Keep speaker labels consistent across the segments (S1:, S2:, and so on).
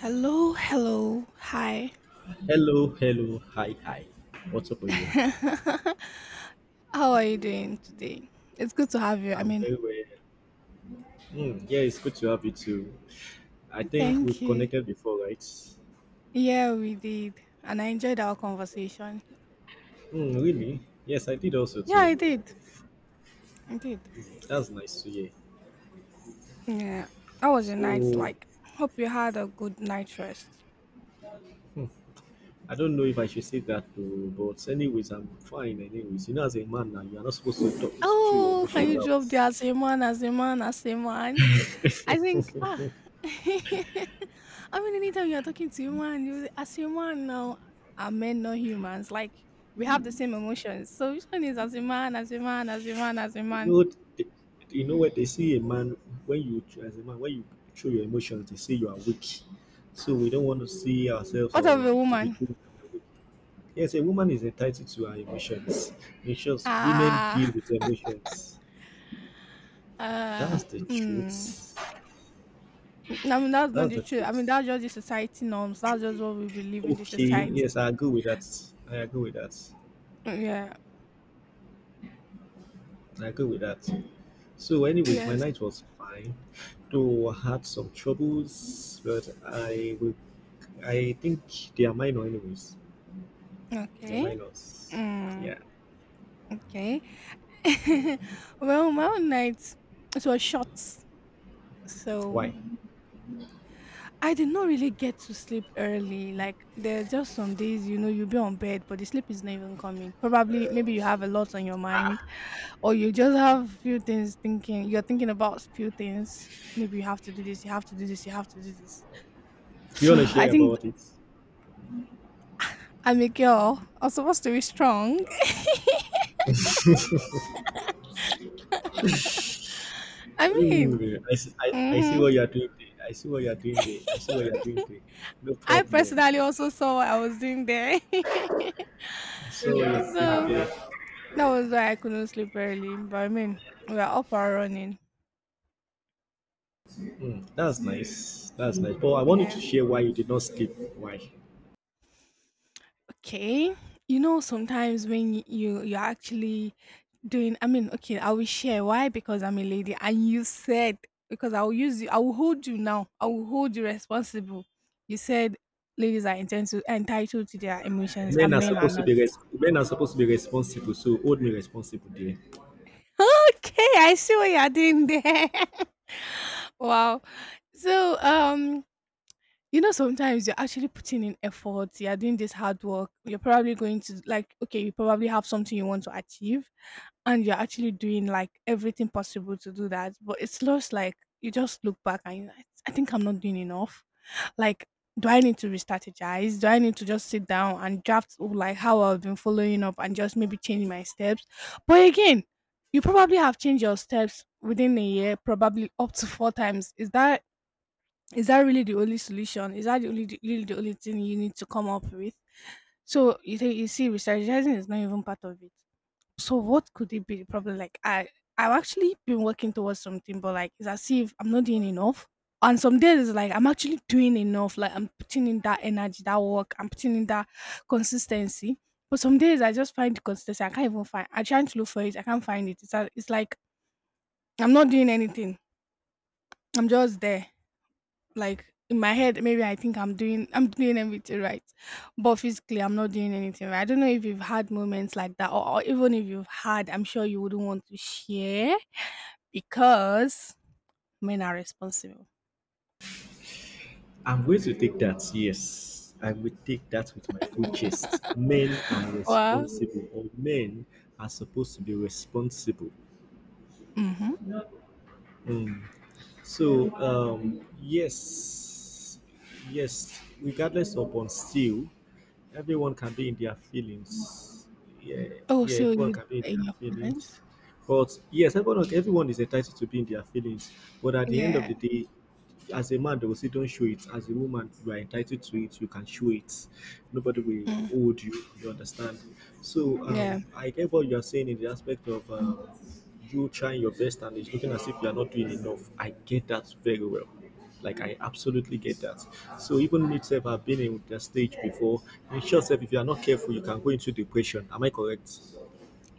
S1: Hello, hello, hi.
S2: Hello, hello, hi, hi. What's up with you?
S1: How are you doing today? It's good to have you. I
S2: I'm
S1: mean,
S2: very well. Mm, yeah, it's good to have you too. I think
S1: thank
S2: we've
S1: you.
S2: connected before, right?
S1: Yeah, we did. And I enjoyed our conversation.
S2: Mm, really? Yes, I did also
S1: Yeah,
S2: too.
S1: I did. I did.
S2: That's nice to hear.
S1: Yeah. How was your night
S2: So
S1: like? Hope you had a good night rest.
S2: I don't know if I should say that too, but anyways, I'm fine. Anyways, as a man now, you are not supposed to talk through your
S1: Oh, can
S2: emotions
S1: you
S2: out.
S1: drop the as a man, as a man, as a man? I think, ah, I mean, anytime you're talking to human, you as human now, are men not humans? Like we have the same emotions. So which one is as a man, as a man, as a man, as a
S2: You
S1: man?
S2: know, they, you know what they say. A man, when you show your emotions, they say you are weak. So we don't want to see ourselves
S1: What of a
S2: or to be
S1: woman?
S2: told that we're weak. Yes, a woman is entitled to her emotions. In short, women deal
S1: Ah,
S2: with emotions.
S1: uh,
S2: That's the
S1: mm.
S2: truth.
S1: I mean, that's not
S2: That's
S1: the
S2: the
S1: truth. I mean,
S2: truth.
S1: that's just the society norms. That's just what we believe in the
S2: Okay,
S1: society.
S2: yes, I agree with that. I agree with that.
S1: Yeah.
S2: I agree with that. So, anyways, my
S1: Yes.
S2: night was fine, though I had some troubles, but I will. I think they are minor, anyways. They are
S1: Okay.
S2: minors.
S1: Mm.
S2: Yeah.
S1: Okay. Well, my own night it was short, so
S2: Why? Do
S1: I did not really get to sleep early. Like there are just some days, you'll be on bed, but the sleep is not even coming. Probably, maybe you have a lot on your mind, or you just have few things thinking. You're thinking about few things. Maybe you have to do this. You have to do this. You have to do this.
S2: you
S1: So
S2: want to
S1: I
S2: share
S1: think
S2: about it?
S1: I'm a girl. I'm supposed to be strong. I mean,
S2: Ooh, I see, I see
S1: hmm
S2: what you're doing there. I see what you're doing there. I see what you're doing there. No
S1: I
S2: problem.
S1: personally also saw what I was doing there,
S2: I see what you're
S1: so
S2: doing there.
S1: that was why I couldn't sleep early. But I mean, we are up and running.
S2: Mm, that's nice. That's nice. But I wanted to
S1: Yeah.
S2: share why you did not sleep. Why?
S1: Okay. You know, sometimes when you're actually doing, I mean, okay, I will share why because I'm a lady, and you said because I will use you, I will hold you now, I will hold you responsible. You said ladies are entitled to their emotions,
S2: Men
S1: and
S2: are
S1: men are
S2: supposed to
S1: not.
S2: be res- men are supposed to be responsible, so hold me responsible there.
S1: Okay, I see what you are doing there. Wow. So, sometimes you're actually putting in effort, you're doing this hard work, you're probably going to, like, okay, you probably have something you want to achieve, and you're actually doing like everything possible to do that. But it's just like you just look back and you're like, I think I'm not doing enough. Like, do I need to re-strategize? Do I need to just sit down and draft oh, like how I've been following up and just maybe change my steps? But again, you probably have changed your steps within a year, probably up to four times. Is that really the only solution? Is that really the only thing you need to come up with? So you think, you see, strategizing is not even part of it. So what could it be the problem? Like I've actually been working towards something, but like it's as if I'm not doing enough. And some days it's like I'm actually doing enough. Like I'm putting in that energy, that work. I'm putting in that consistency. But some days I just find the consistency. I can't even find. I trying to look for it. I can't find it. It's like I'm not doing anything. I'm just there, like in my head, maybe I think I'm doing everything right. But physically I'm not doing anything right. I don't know if you've had moments like that, or even if you've had I'm sure you wouldn't want to share because men are responsible.
S2: I'm going to take that, yes. I will take that with my full chest. Men are
S1: Well.
S2: responsible or men are supposed to be responsible.
S1: Mm-hmm.
S2: So yes, yes. Regardless of on still, everyone can be in their feelings. Yeah,
S1: Oh,
S2: yeah.
S1: so
S2: Everyone
S1: you
S2: can be in
S1: in
S2: their
S1: your
S2: feelings.
S1: feelings.
S2: But yes, everyone is entitled to be in their feelings. But at the end of
S1: Yeah.
S2: the day, as a man, they will say, "Don't show it." As a woman, you are entitled to it. You can show it. Nobody will
S1: Mm.
S2: hold you. You understand? So
S1: Yeah.
S2: I get what you are saying in the aspect of you trying your best and it's looking as if you are not doing enough. I get that very well. Like I absolutely get that. So even me itself, I've been in that stage before. In short, self, if you are not careful, you can go into depression. Am I correct?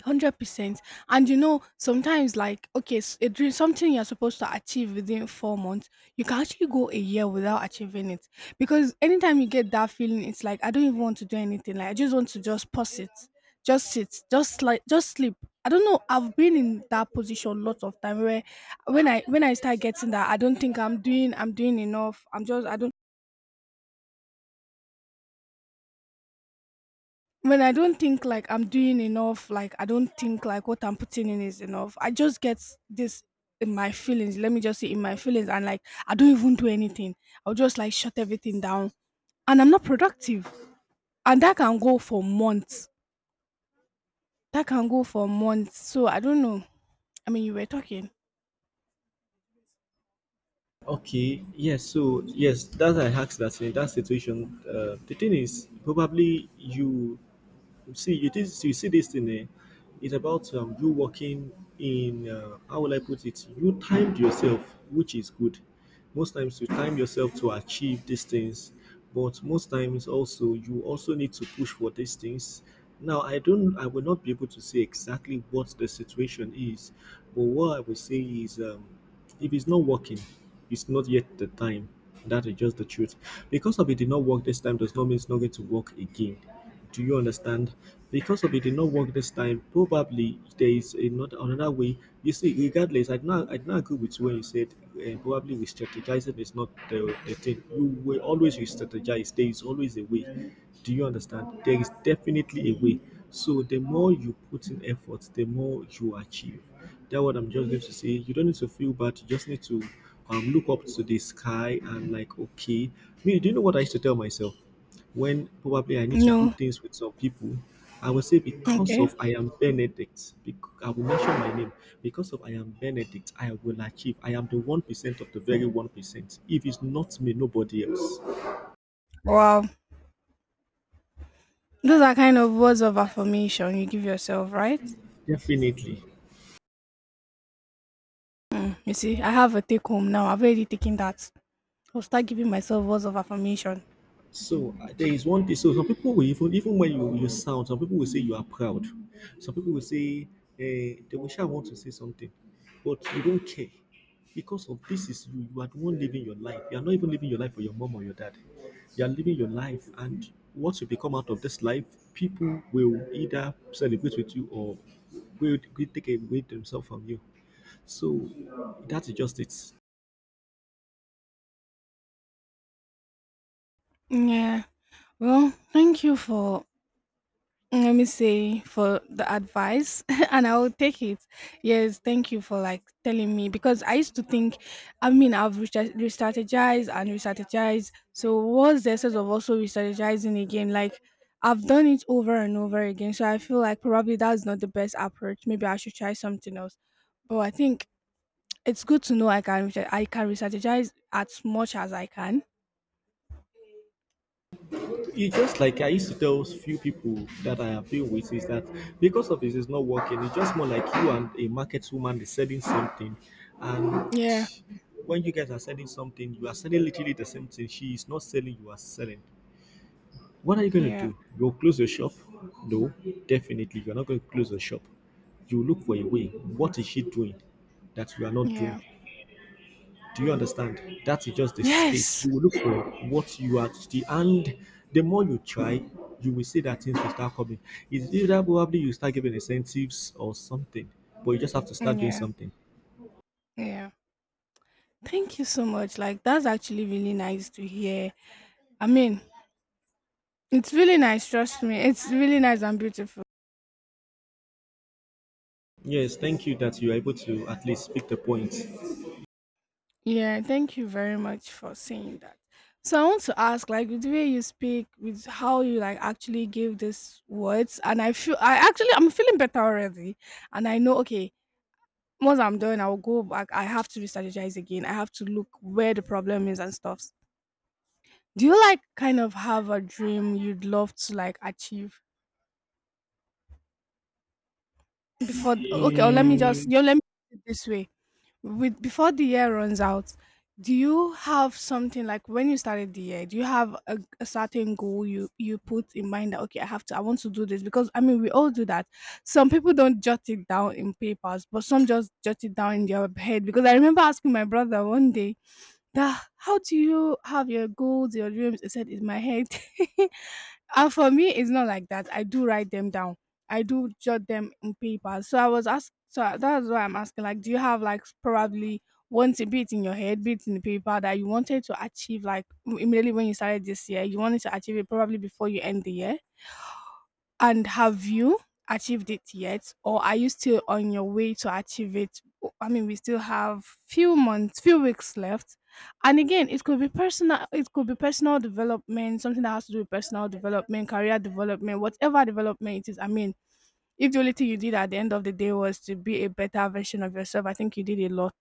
S1: 100%, and sometimes like okay, a dream, something you're supposed to achieve within 4 months, you can actually go a year without achieving it because anytime you get that feeling, it's like I don't even want to do anything. Like I just want to just pause it, just sit, just like just sleep. I don't know. I've been in that position lots of time where when I start getting that, I don't think I'm doing enough. I'm just I don't When I don't think like I'm doing enough, like I don't think like what I'm putting in is enough. I just get this in my feelings. Let me just say in my feelings, and like I don't even do anything. I'll just like shut everything down, and I'm not productive. And that can go for months. That can go for months. So I don't know. I mean, you were talking.
S2: Okay, yes, so yes, that's I asked that in that situation. The thing is, probably you see this thing it's about you working in how will I put it, you timed yourself, which is good. Most times you time yourself to achieve these things, but most times also you also need to push for these things. Now I will not be able to say exactly what the situation is, but what I will say is if it's not working, it's not yet the time. That is just the truth. Because of it did not work this time does not mean it's not going to work again. Do you understand? Because of it did not work this time, probably there is another way. You see, regardless, I do not agree with you when you said probably re-strategizing is not the thing. You will always re-strategize. There is always a way. Do you understand? There is definitely a way. So the more you put in effort, the more you achieve. That what I'm just going to say. You don't need to feel bad. You just need to look up to the sky and like, okay, me. Do you know what I used to tell myself when probably I need to do
S1: No.
S2: things with some people? I would say because
S1: Okay.
S2: of I am Benedict. Because I will mention my name. Because of I am Benedict, I will achieve. I am the 1% of the very 1%. If it's not me, nobody else.
S1: Wow. Those are kind of words of affirmation you give yourself, right?
S2: Definitely.
S1: You see, I have a take home now. I've already taken that. I'll start giving myself words of affirmation.
S2: So there is one thing. So some people will even when you sound, some people will say you are proud. Some people will say they will shall want to say something, but you don't care because of this is you. You are the one living your life. You are not even living your life for your mom or your dad. You are living your life, and once you become out of this life, people will either celebrate with you or will take away themselves from you. So that's just it.
S1: Yeah. Well, thank you for, let me say, for the advice and I'll take it. Yes, thank you for like telling me because I used to think, I mean, I've re strategized and re strategized. So what's the essence of also re strategizing again? Like I've done it over and over again. So I feel like probably that's not the best approach. Maybe I should try something else. But I think it's good to know I can re strategize as much as I can.
S2: It's just like I used to tell few people that I have deal with, is that because of this is not working, it's just more like you and a market woman is selling something. And
S1: Yeah.
S2: when you guys are selling something, you are selling literally the same thing. She is not selling, you are selling. What are you gonna
S1: Yeah.
S2: do? You'll close your shop? No, definitely you're not gonna close the shop. You look for a way. What is she doing that you are not doing?
S1: Yeah.
S2: Do you understand? That is just the space.
S1: Yes.
S2: You will look for what you are to see, and the more you try, you will see that things will start coming. It's either probably you start giving incentives or something, but you just have to start
S1: Mm,
S2: doing
S1: yeah,
S2: something.
S1: yeah. Thank you so much. Like that's actually really nice to hear. I mean, it's really nice, trust me. It's really nice and beautiful.
S2: Yes, thank you that you are able to at least speak the point.
S1: Yeah, thank you very much for saying that. So I want to ask, like with the way you speak, with how you like actually give these words, and I feel I'm feeling better already. And I know okay, once I'm done, I will go back. I have to re-strategize again. I have to look where the problem is and stuff. Do you like kind of have a dream you'd love to like achieve? Before okay, or let me just you Let me put it this way. With Before the year runs out, do you have something like when you started the year, do you have a certain goal you put in mind that okay, I want to do this, because I mean we all do that. Some people don't jot it down in papers, but some just jot it down in their head because I remember asking my brother one day that how do you have your goals, your dreams? He said in my head. For me, it's not like that. I do write them down. I do jot them in paper. So I was asked. So that's why I'm asking. Like, do you have like probably one to bit in your head, bit in the paper that you wanted to achieve? Like immediately when you started this year, you wanted to achieve it probably before you end the year. And have you achieved it yet, or are you still on your way to achieve it? I mean, we still have few months, few weeks left. And again, it could be personal. It could be personal development, something that has to do with personal development, career development, whatever development it is. I mean, if the only thing you did at the end of the day was to be a better version of yourself, I think you did a lot.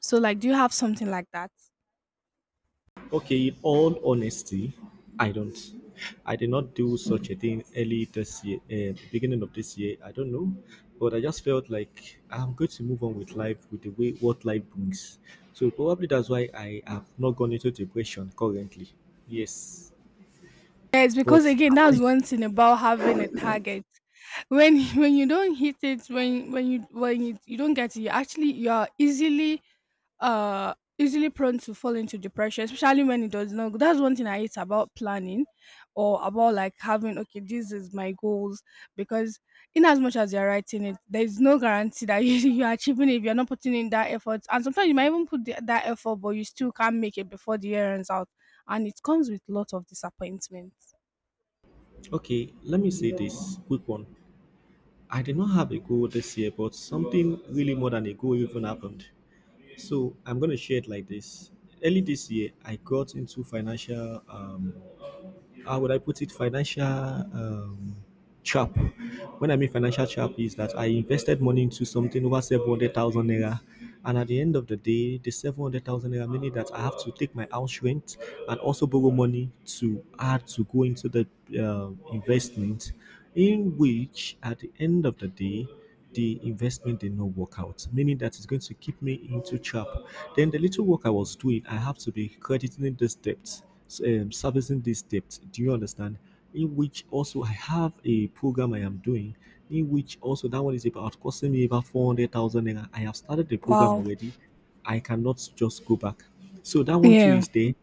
S1: So, like, do you have something like that?
S2: Okay, in all honesty, I don't. I did not do such a thing early this year, beginning of this year. I don't know, but I just felt like I'm going to move on with life with the way what life brings. So probably that's why I have not gone into depression currently. Yes,
S1: Yes, because
S2: but
S1: again,
S2: am
S1: that's
S2: I?
S1: one thing about having a target. When when you don't hit it, when you don't get it, you are easily easily prone to fall into depression, especially when it does not go. That's one thing I hate about planning, or about like having okay, this is my goals. Because in as much as you're writing it, there is no guarantee that you're achieving it if you're not putting in that effort. And sometimes you might even put that effort, but you still can't make it before the year ends out, and it comes with lot of disappointment.
S2: Okay, let me say this quick one. I did not have a goal this year, but something really more than a goal even happened. So I'm gonna share it like this. Early this year, I got into financial. How would I put it? Financial trap. When I mean financial trap, is that I invested money into something over 700,000 naira, and at the end of the day, the 700,000 naira meaning that I have to take my house rent and also borrow money to add to go into the investment, in which at the end of the day the investment did not work out, meaning that it's going to keep me into trap. Then the little work I was doing, I have to be crediting this debt, servicing this debt. Do you understand? In which also I have a program I am doing, in which also that one is about costing me about 400,000 naira. I have started the program
S1: Wow.
S2: already. I cannot just go back. So that one too
S1: Yeah.
S2: is there.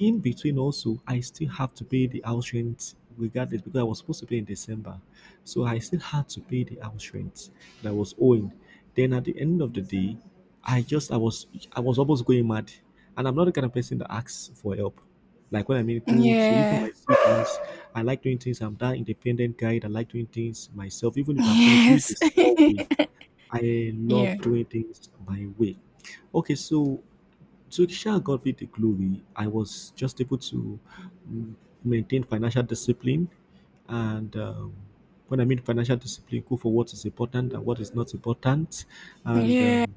S2: In between also, I still have to pay the house rent regardless because I was supposed to pay in December. So I still had to pay the house rent that I was owing. Then at the end of the day, I just I was I was almost going mad. And I'm not the kind of person that asks for help. Like when I mean good, so even
S1: Yeah.
S2: my siblings, I like doing things. I'm that independent guy that like doing things myself, even if I'm gonna do it
S1: Yes.
S2: a small way. I
S1: Yeah.
S2: love doing things my way. Okay, so Kisha got me the glory. I was just able to mm, maintain financial discipline, and when I mean financial discipline, go for what is important and what is not important, and
S1: Yeah.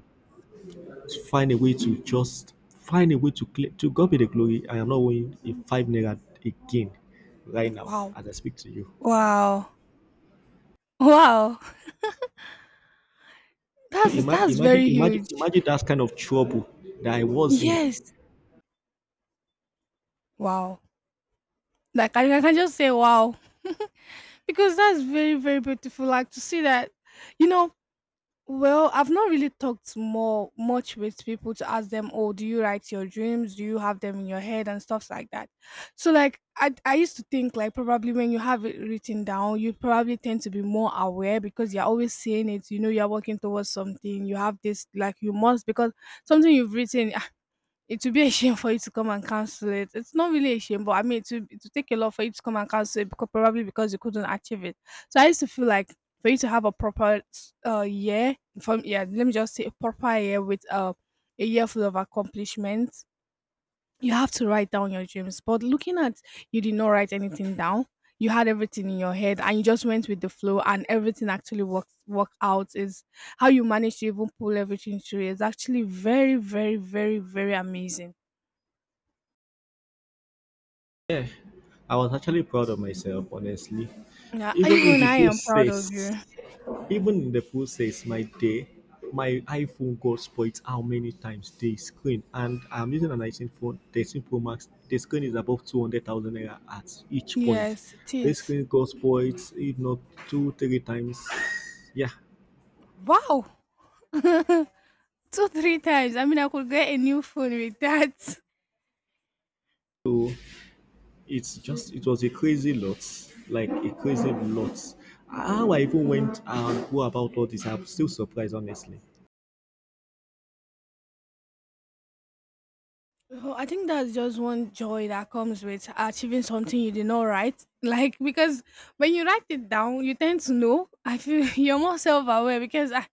S2: find a way to clear, to God be the glory. I am not owing a 5 naira again right now
S1: Wow.
S2: as I speak to you.
S1: Wow. Wow. That's
S2: Imagine,
S1: that's
S2: imagine,
S1: very
S2: imagine,
S1: huge.
S2: imagine that kind of trouble that I was in.
S1: Yes. Wow. Like I can just say wow because that's very very beautiful. Like to see that, you know, Well, I've not really talked more much with people to ask them, "Oh, do you write your dreams? Do you have them in your head and stuff like that?" So, like, I used to think like probably when you have it written down, you probably tend to be more aware because you're always seeing it. You know, you're working towards something. You have this like you must, because something you've written, it will be a shame for you to come and cancel it. It's not really a shame, but I mean, it will take a lot for you to come and cancel it because probably because you couldn't achieve it. So I used to feel like for you to have a proper let me just say a proper year with a year full of accomplishments, you have to write down your dreams. But looking at you did not write anything down. You had everything in your head and you just went with the flow and everything actually worked out is how you managed to even pull everything through is actually very, very, very, very amazing.
S2: Yeah, I was actually proud of myself, honestly.
S1: Yeah,
S2: Even in
S1: even
S2: the
S1: I am
S2: post
S1: proud of you.
S2: says, even in the post says, my day, my iPhone got spoiled how many times the screen, and I'm using an iPhone phone, 13 Pro Max. The screen is above 200,000 naira at each point.
S1: Yes, it
S2: The
S1: is.
S2: screen got spoiled, if not two, three times. Yeah,
S1: Wow. Two, three times. I mean, I could get a new phone with that.
S2: so it was a crazy lot, like a crazy lot. How I even went and go about all this, I'm still surprised, honestly.
S1: Oh, I think that's just one joy that comes with achieving something you did not write. Like, because when you write it down, you tend to know. I feel you're more self aware because I,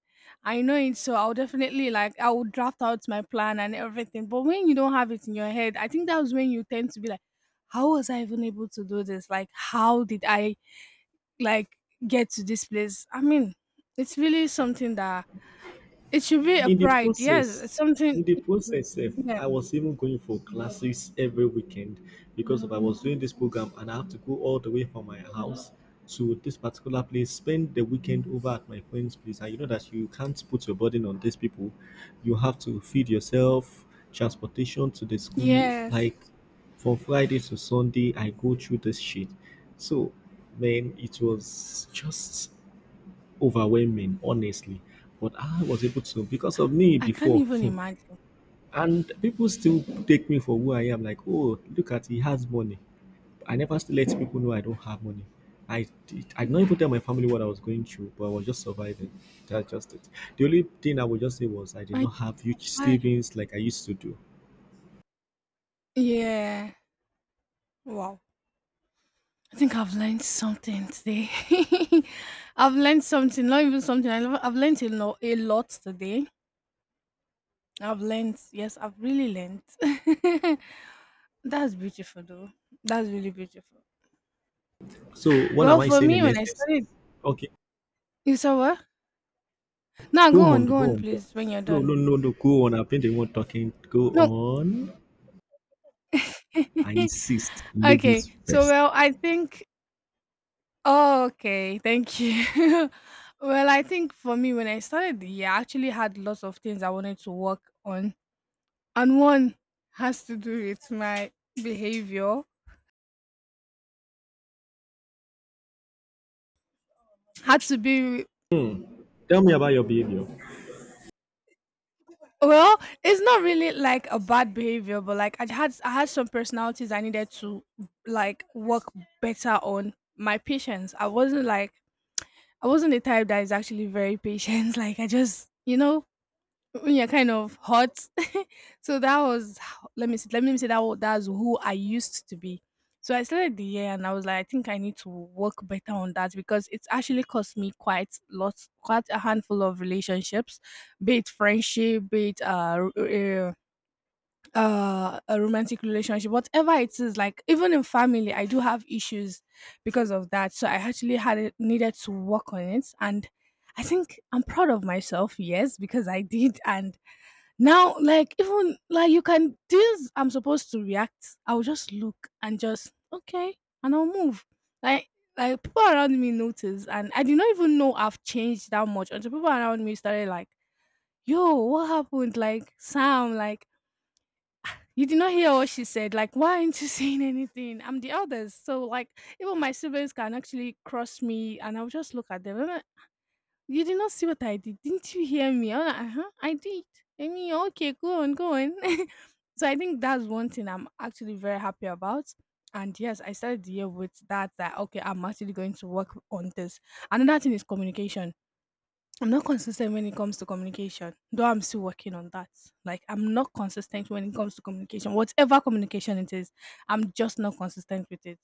S1: I know it. So I'll definitely, like, I will draft out my plan and everything. But when you don't have it in your head, I think that's when you tend to be like, how was I even able to do this? Like, how did I like get to this place. I mean, it's really something that it should be a
S2: in the
S1: pride. Yes,
S2: process
S1: it's something.
S2: in the process, sef
S1: Yeah.
S2: I was even going for classes every weekend because of I was doing this program and I have to go all the way from my house to this particular place, spend the weekend over at my friend's place, and you know that you can't put your burden on these people. You have to feed yourself, transportation to the school.
S1: Yes.
S2: Like from Friday to Sunday, I go through this shit. So man, it was just overwhelming, honestly. But I was able to because of me
S1: I can't
S2: before,
S1: even imagine.
S2: and people still take me for who I am. Like, oh, look at he has money. I never still let people know I don't have money. I did not even tell my family what I was going through, but I was just surviving. That's just it. The only thing I would just say was I did
S1: And
S2: not have huge
S1: why?
S2: savings like I used to do.
S1: Yeah. Wow. I think I've learned something today. I've learned something, not even something. I've learned a lot today. I've learned. Yes, I've really learned. That's beautiful, though. That's really beautiful.
S2: So what
S1: Well,
S2: am I
S1: for
S2: saying
S1: me,
S2: in
S1: when I
S2: essence?
S1: started,
S2: Okay,
S1: you saw what? Now
S2: go
S1: go
S2: on,
S1: on, go
S2: go
S1: on,
S2: on. Go on.
S1: please. When you're
S2: No,
S1: done.
S2: no, no, no, go on. I've been the one talking. Go
S1: No.
S2: on. I insist,
S1: Okay.
S2: ladies
S1: So,
S2: first.
S1: well, I think oh, okay. Thank you. Well, I think for me, when I started the year, I actually had lots of things I wanted to work on. And one has to do with my behavior. Had to be
S2: Tell me about your behavior.
S1: Well, it's not really like a bad behavior, but like I had some personalities I needed to like work better on my patience. I wasn't the type that is actually very patient. Like I just you know when you're kind of hot. So let me see, let me say that wa- that's who I used to be. So I started the year and I was like, I think I need to work better on that because it's actually cost me quite lots, quite a handful of relationships, be it friendship, be it a romantic relationship, whatever it is. Like even in family, I do have issues because of that. So I actually had it, needed to work on it, and I think I'm proud of myself. Yes, because I did, and now, like even like you can things I'm supposed to react, I'll just look and just okay, and I'll move. Like like people around me notice, and I did not even know I've changed that much until people around me started like, "Yo, what happened?" Like Sam, like you did not hear what she said. Like why aren't you saying anything? I'm the eldest, so like even my siblings can actually cross me, and I'll just look at them. You did not see what I did. Didn't you hear me? I'm like, uh-huh, I did. I mean, okay, go on, go on. So I think that's one thing I'm actually very happy about. And yes, I started the year with that, that, okay, I'm actually going to work on this. Another thing is communication. I'm not consistent when it comes to communication, though I'm still working on that. Like, I'm not consistent when it comes to communication. Whatever communication it is, I'm just not consistent with it.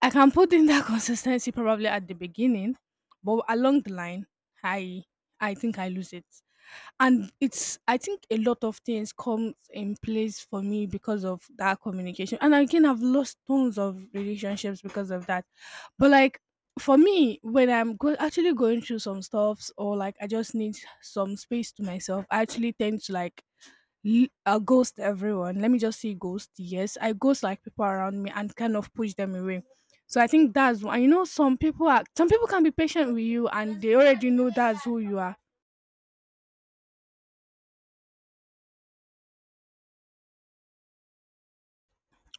S1: I can put in that consistency probably at the beginning, but along the line, I I think I lose it. And it's I think a lot of things comes in place for me because of that communication. And again, I've lost tons of relationships because of that. But like for me when actually going through some stuffs or like I just need some space to myself I actually tend to like ghost everyone. Let me just say ghost. Yes, I ghost like people around me and kind of push them away. So I think that's why you know some people are some people can be patient with you and they already know that's who you are.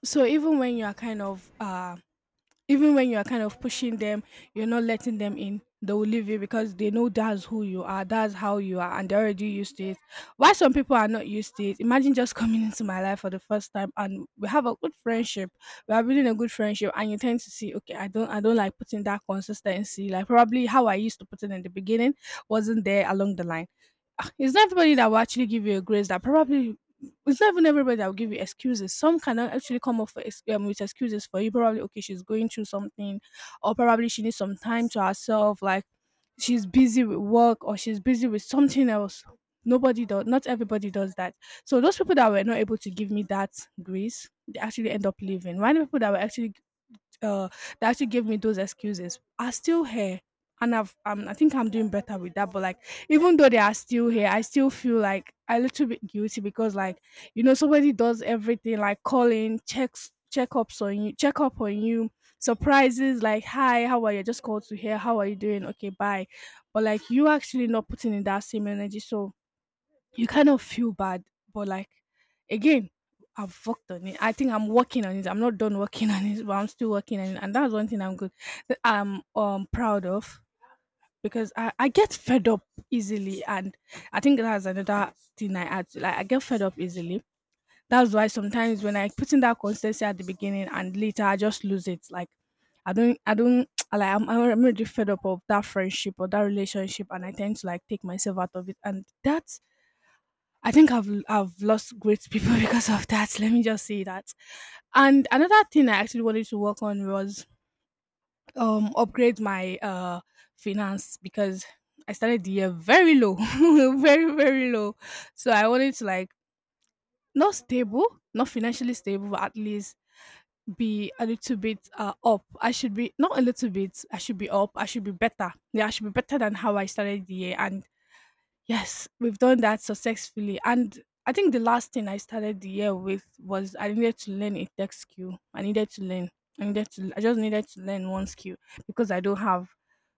S1: So even when you are kind of pushing them, you're not letting them in. They will leave you because they know that's who you are, that's how you are, and they're already used to it. Why some people are not used to it? Imagine just coming into my life for the first time, and we have a good friendship. We are building a good friendship, and you tend to see, okay, I don't like putting that consistency. Like probably how I used to put it in the beginning wasn't there along the line. Ah, it's not everybody that will actually give you a grace that probably it's not even everybody that will give you excuses. Some cannot actually come up for, with excuses for you. Probably, okay, she's going through something, or probably she needs some time to herself. Like she's busy with work, or she's busy with something else. Nobody does, not everybody does that. So those people that were not able to give me that grace, they actually end up leaving. Why the people that were actually uh that actually gave me those excuses are still here and I've I think I'm doing better with that. But like, even though they are still here, I still feel like a little bit guilty because like, somebody does everything like calling, checkups on you, check up on you, surprises like, hi, how are you? Just called to hear how are you doing? Okay, bye. But like, you actually not putting in that same energy, so you kind of feel bad, but like again, I've worked on it. I think I'm working on it. I'm not done working on it, but I'm still working on it. And that's one thing I'm good that I'm proud of because I get fed up easily and I think that's another thing I add to like I get fed up easily. That's why sometimes when I put in that consistency at the beginning and later I just lose it. Like I don't like I'm already fed up of that friendship or that relationship and I tend to like take myself out of it and that I think I've lost great people because of that. Let me just say that. And another thing I actually wanted to work on was upgrade my finance because I started the year very low, very very low. So I wanted to like not stable, not financially stable, but at least be a little bit up. I should be not a little bit. I should be up. I should be better. Yeah, I should be better than how I started the year. And yes, we've done that successfully. And I think the last thing I started the year with was I needed to learn a tech skill. I needed to learn. I needed to. I just needed to learn one skill because I don't have.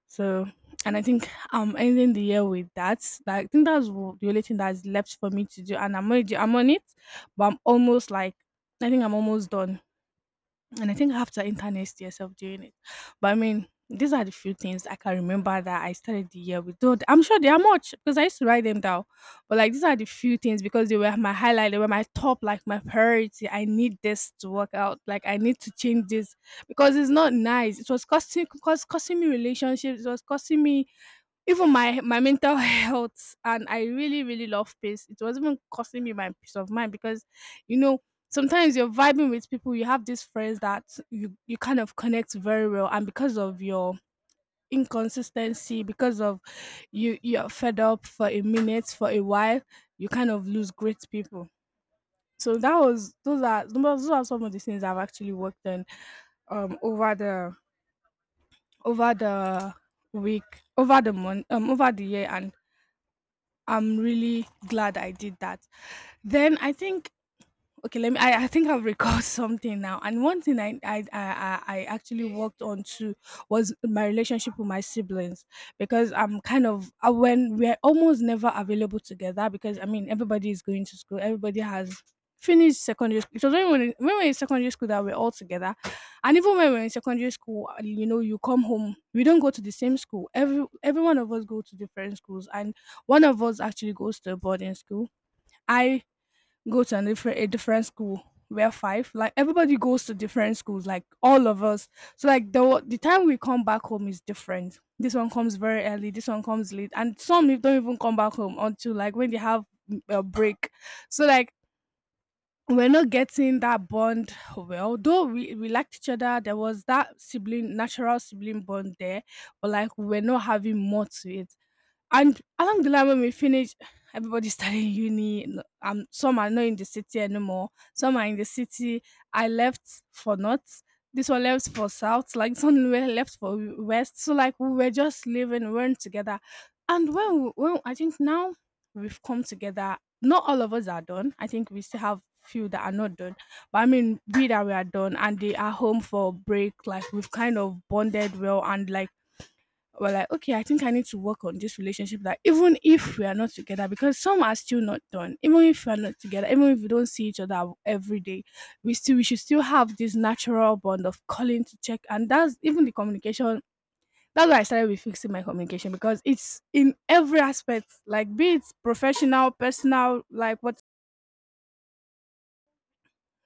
S1: So, and I think I'm ending the year with that. Like, I think that's the only thing that's left for me to do, and I'm on it, but I'm almost like I think I'm almost done and I think after internet see yourself doing it. But I mean, these are the few things I can remember that I started the year with. Though I'm sure there are much because I used to write them down. But like these are the few things because they were my highlight, they were my top, like my priority. I need this to work out. Like I need to change this because it's not nice. It was costing me relationships, it was costing me even my my mental health and I really, really love peace. It was even costing me my peace of mind because you know, sometimes you're vibing with people, you have these friends that you kind of connect very well and because of your inconsistency, because of you you're fed up for a minute, for a while, you kind of lose great people. So that was those are some of the things I've actually worked on um over the over the week over the month over the year and I'm really glad I did that. Then I think, okay, let me, I think I've recalled something now. And one thing I actually worked on too was my relationship with my siblings, because I'm kind of when we're almost never available together. Because I mean, everybody is going to school, everybody has finished secondary school. It was when we were in secondary school that we are all together. And even when we're in secondary school, you come home, we don't go to the same school, every one of us go to different schools, and one of us actually goes to a boarding school. I go to a different school. We're five. Like, everybody goes to different schools, like all of us. So, like, the time we come back home is different. This one comes very early. This one comes late, and some don't even come back home until, like, when they have a break. So, like, we're not getting that bond well. Though we liked each other, there was that sibling, natural sibling bond there, but like, we're not having more to it. And along the line, when we finish, everybody started uni. Some are not in the city anymore. Some are in the city. I left for north. This one left for south. Like, some were left for west. So, like, we were just living, we weren't together. And when I think now, we've come together. Not all of us are done. I think we still have few that are not done. But I mean, we that we are done and they are home for break. Like, we've kind of bonded well, and like, we're like, okay, I think I need to work on this relationship. That even if we are not together, because some are still not done, even if we are not together, even if we don't see each other every day, we should still have this natural bond of calling to check. And that's even the communication. That's why I started with fixing my communication, because it's in every aspect, like, be it professional, personal, like what,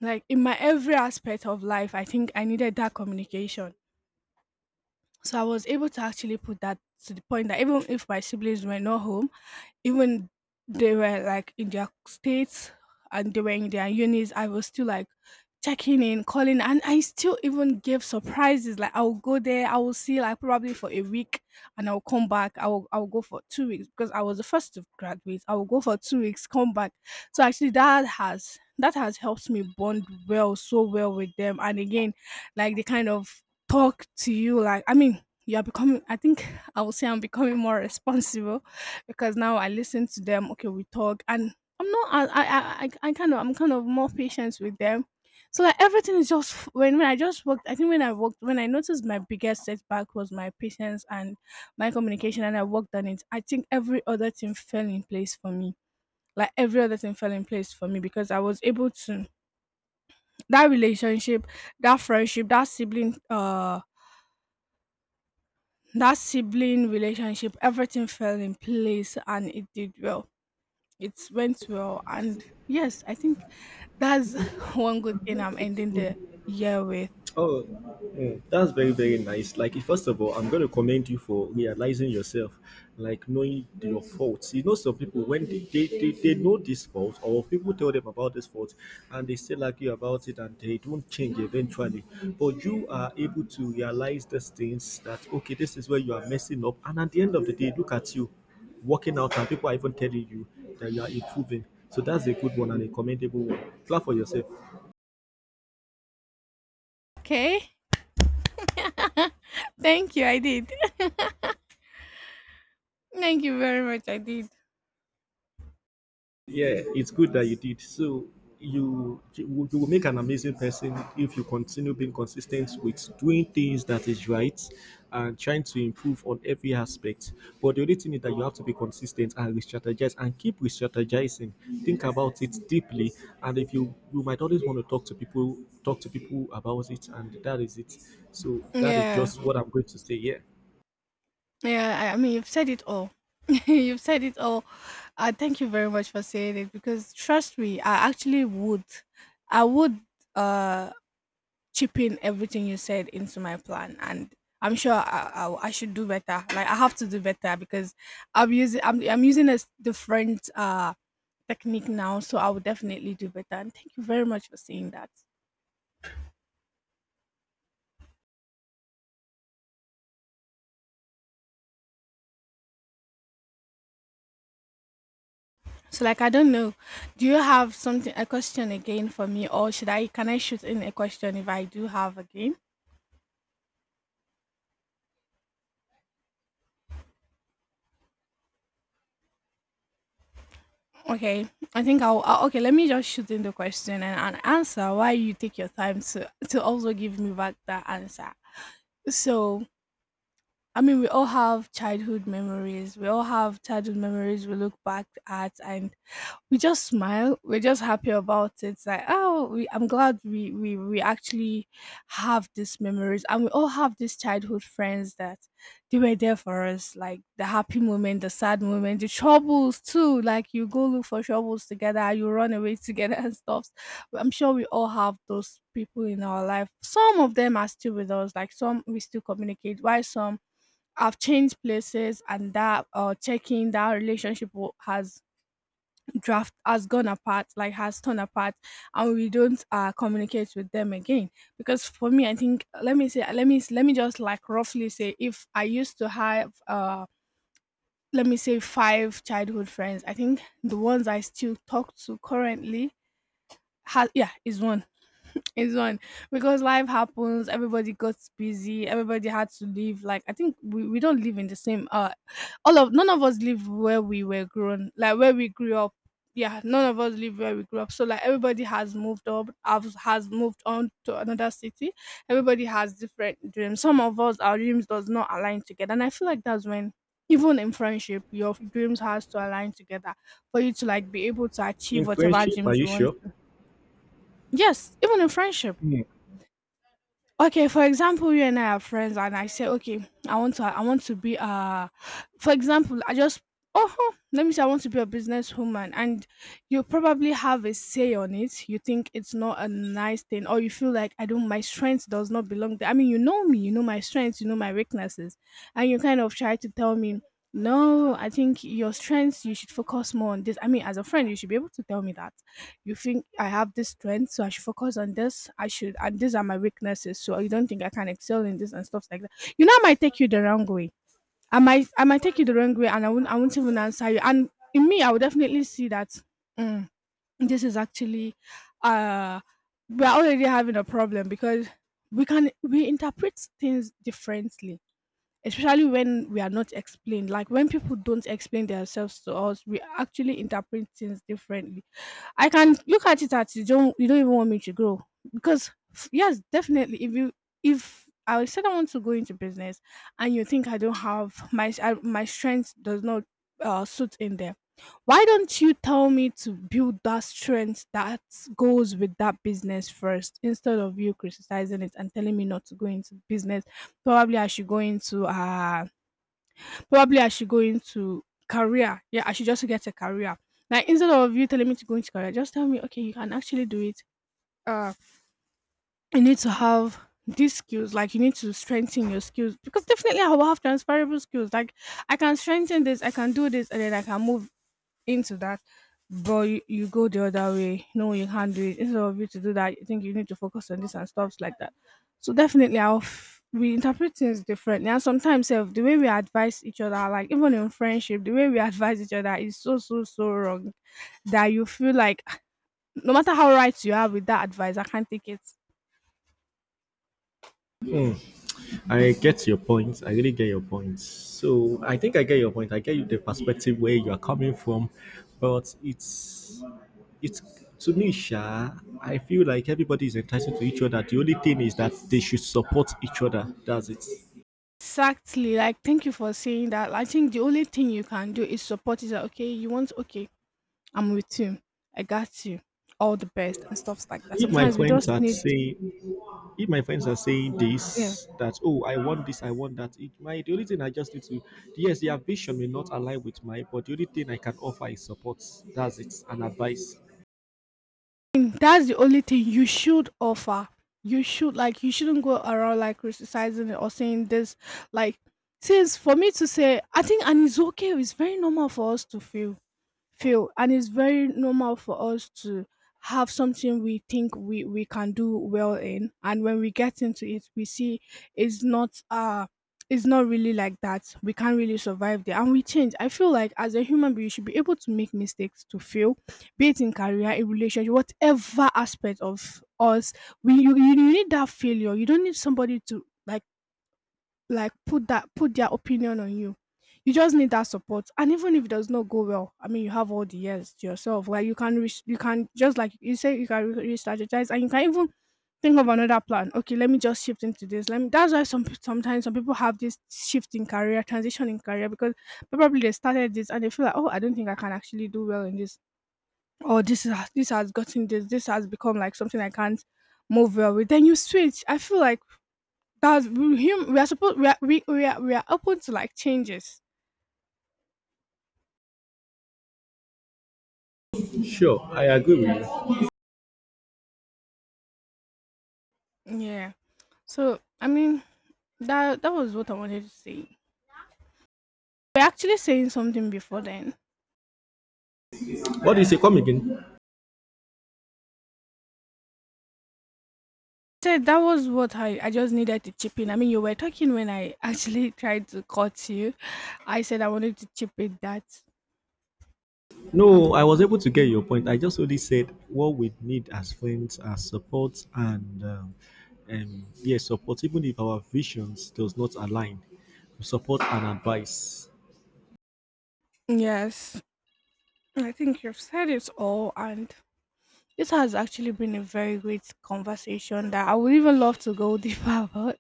S1: like in my every aspect of life. I think I needed that communication. So I was able to actually put that to the point that even if my siblings were not home, even, they were like in their states, and they were in their unis, I was still like checking in, calling, and I still even gave surprises, like, I'll go there, I will see, like, probably for a week, and I'll come back, I'll go for 2 weeks, because I was the first to graduate, I will go for 2 weeks, come back. So actually, that has helped me bond well, so well with them. And again, like, they kind of talk to you, like, I mean, you're becoming, I think, I will say, I'm becoming more responsible, because now I listen to them. Okay, we talk, and I'm not. I kind of I'm kind of more patient with them. So like, everything is just when I just worked. I think when I worked, when I noticed my biggest setback was my patience and my communication, and I worked on it. I think every other thing fell in place for me. Like, every other thing fell in place for me, because I was able to that relationship, that friendship, that sibling relationship, everything fell in place and it did well. It went well, and yes, I think that's one good thing I'm ending the year with.
S2: Oh, that's very, very nice. Like, first of all, I'm going to commend you for realizing yourself, like knowing your faults. You know, some people, when they know this fault, or people tell them about this fault, and they still argue about it and they don't change eventually. But you are able to realize these things that, okay, this is where you are messing up. And at the end of the day, look at you working out, and people are even telling you that you are improving. So that's a good one and a commendable one. Clap for yourself.
S1: Okay, thank you. I did. Thank you very much. I did.
S2: Yeah, it's good that you did. So you will make an amazing person if you continue being consistent with doing things that is right and trying to improve on every aspect. But the only thing is that you have to be consistent and re-strategize and keep re-strategizing. Think about it deeply, and if you might always want to talk to people about it, and that is it. So that is
S1: Yeah,
S2: just what I'm going to say. Yeah.
S1: yeah. I mean, you've said it all. You've said it all. Thank you very much for saying it, because trust me, I actually would. I would. Uh, Chipping everything you said into my plan, and I'm sure, I should do better. Like, I have to do better, because I'm using a different technique now. So I will definitely do better, and thank you very much for saying that. So like, I don't know, do you have something, a question again for me, or should I can I shoot in a question if I do have again? Okay, I think I'll okay, let me just shoot in the question, and answer why you take your time to also give me back that answer. So, I mean, we all have childhood memories. We all have childhood memories we look back at, and we just smile. We're just happy about it. It's like, oh, I'm glad we actually have these memories. And we all have these childhood friends that they were there for us. Like the happy moment, the sad moment, the troubles too. Like, you go look for troubles together, you run away together and stuff. I'm sure we all have those people in our life. Some of them are still with us. Like, some we still communicate, while some I've changed places, and that checking that relationship has draft has gone apart, like, has torn apart, and we don't communicate with them again. Because for me, I think, let me just, like, roughly say, if I used to have let me say, five childhood friends, I think the ones I still talk to currently has yeah is one. It's on, because life happens. Everybody got busy. Everybody had to leave. Like, I think we don't live in the same. All of None of us live where we were grown. Like, where we grew up. Yeah, none of us live where we grew up. So like, everybody has moved up. Has moved on to another city. Everybody has different dreams. Some of us, our dreams does not align together. And I feel like that's when, even in friendship, your dreams has to align together for you to, like, be able to
S2: In
S1: achieve whatever
S2: friendship, are
S1: dreams
S2: you
S1: you want
S2: sure?
S1: to. Yes, even in friendship, okay, for example, you and I are friends, and I say, okay, I want to be for example, I just oh huh, let me say, I want to be a businesswoman, and you probably have a say on it, you think it's not a nice thing, or you feel like I don't my strength does not belong there. I mean, you know me, you know my strengths, you know my weaknesses, and you kind of try to tell me, no, I think your strengths, you should focus more on this. I mean, as a friend, you should be able to tell me that. You think I have this strength, so I should focus on this. I should, and these are my weaknesses. So you don't think I can excel in this and stuff like that. You know, I might take you the wrong way. I might take you the wrong way, and I won't even answer you. And in me, I would definitely see that, mm, this is actually, uh, we're already having a problem, because we interpret things differently, especially when we are not explained, like when people don't explain themselves to us, we actually interpret things differently. I can look at it as you don't even want me to grow. Because, yes, definitely, if I said I want to go into business, and you think I don't have my my strength does not suit in there, why don't you tell me to build that strength that goes with that business first, instead of you criticizing it and telling me not to go into business? Probably I should go into uh Probably I should go into career. Yeah, I should just get a career. Like, instead of you telling me to go into career, just tell me, okay, you can actually do it. Uh you need to have these skills, like, you need to strengthen your skills, because definitely I will have transferable skills. Like, I can strengthen this, I can do this, and then I can move into that, but you go the other way. No, you can't do it. Instead of you to do that, you think you need to focus on this and stuffs like that. So definitely, we interpret things differently, and sometimes self the way we advise each other, like, even in friendship, the way we advise each other is so so so wrong that you feel like no matter how right you are with that advice, I can't take it.
S2: I get your point. I really get your point. So I think I get your point. I get you the perspective where you are coming from, but it's to me, Sha. I feel like everybody is entitled to each other. The only thing is that they should support each other. That's it.
S1: Exactly. Like, thank you for saying that. I think the only thing you can do is support. Is that okay? You want okay? I'm with you. I got you. All the best and stuffs like that.
S2: If my
S1: Sometimes we
S2: friends
S1: just
S2: are
S1: need.
S2: saying, if my friends are saying
S1: Yeah.
S2: this, that oh, I want this, I want that. It my the only thing I just need to, yes, their vision may not align with mine, but the only thing I can offer is support. That's it, and advice.
S1: And that's the only thing you should offer. You should, like, you shouldn't go around, like, criticizing it or saying this, like, since for me to say, I think and it's okay, it's very normal for us to feel. fail. And it's very normal for us to have something we think we can do well in, and when we get into it, we see it's not uh it's not really like that, we can't really survive there, and we change. I feel like, as a human being, you should be able to make mistakes, to fail, be it in career, in relationship, whatever aspect of us, you need that failure. You don't need somebody to, like, put that put their opinion on you. You just need that support. And even if it does not go well, I mean, you have all the years to yourself. Like, you can just, like, you say, you can re- strategize, and you can even think of another plan. Okay, let me just shift into this. Let me That's why some some people have this shift in career, transition in career, because probably they started this and they feel like, oh, I don't think I can actually do well in this. Or this is this has gotten this, this has become, like, something I can't move well with. Then you switch. I feel like that's him, we are supposed we are open to, like, changes.
S2: Sure, I agree with you.
S1: Yeah, so I mean, that was what I wanted to say. We're actually saying something before then.
S2: What do you say? Come again?
S1: Said that was what I just needed to chip in. I mean, you were talking when I actually tried to cut you. I said I wanted to chip in that.
S2: No, I was able to get your point. I just only said what we need as friends are support and yes, support. Even if our visions does not align, support and advice.
S1: Yes, I think you've said it all, and this has actually been a very great conversation that I would even love to go deeper about.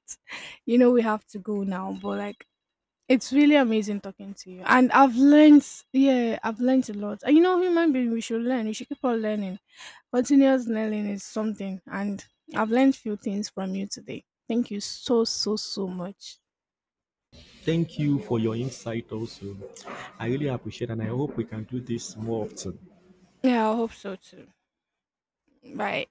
S1: You know, we have to go now, but like, it's really amazing talking to you. And I've learned, yeah, I've learned a lot. And you know, human being, we should learn. We should keep on learning. Continuous learning is something. And I've learned few things from you today. Thank you, so, so, so much.
S2: Thank you for your insight. Also, I really appreciate, and I hope we can do this more often.
S1: Yeah, I hope so too. Bye.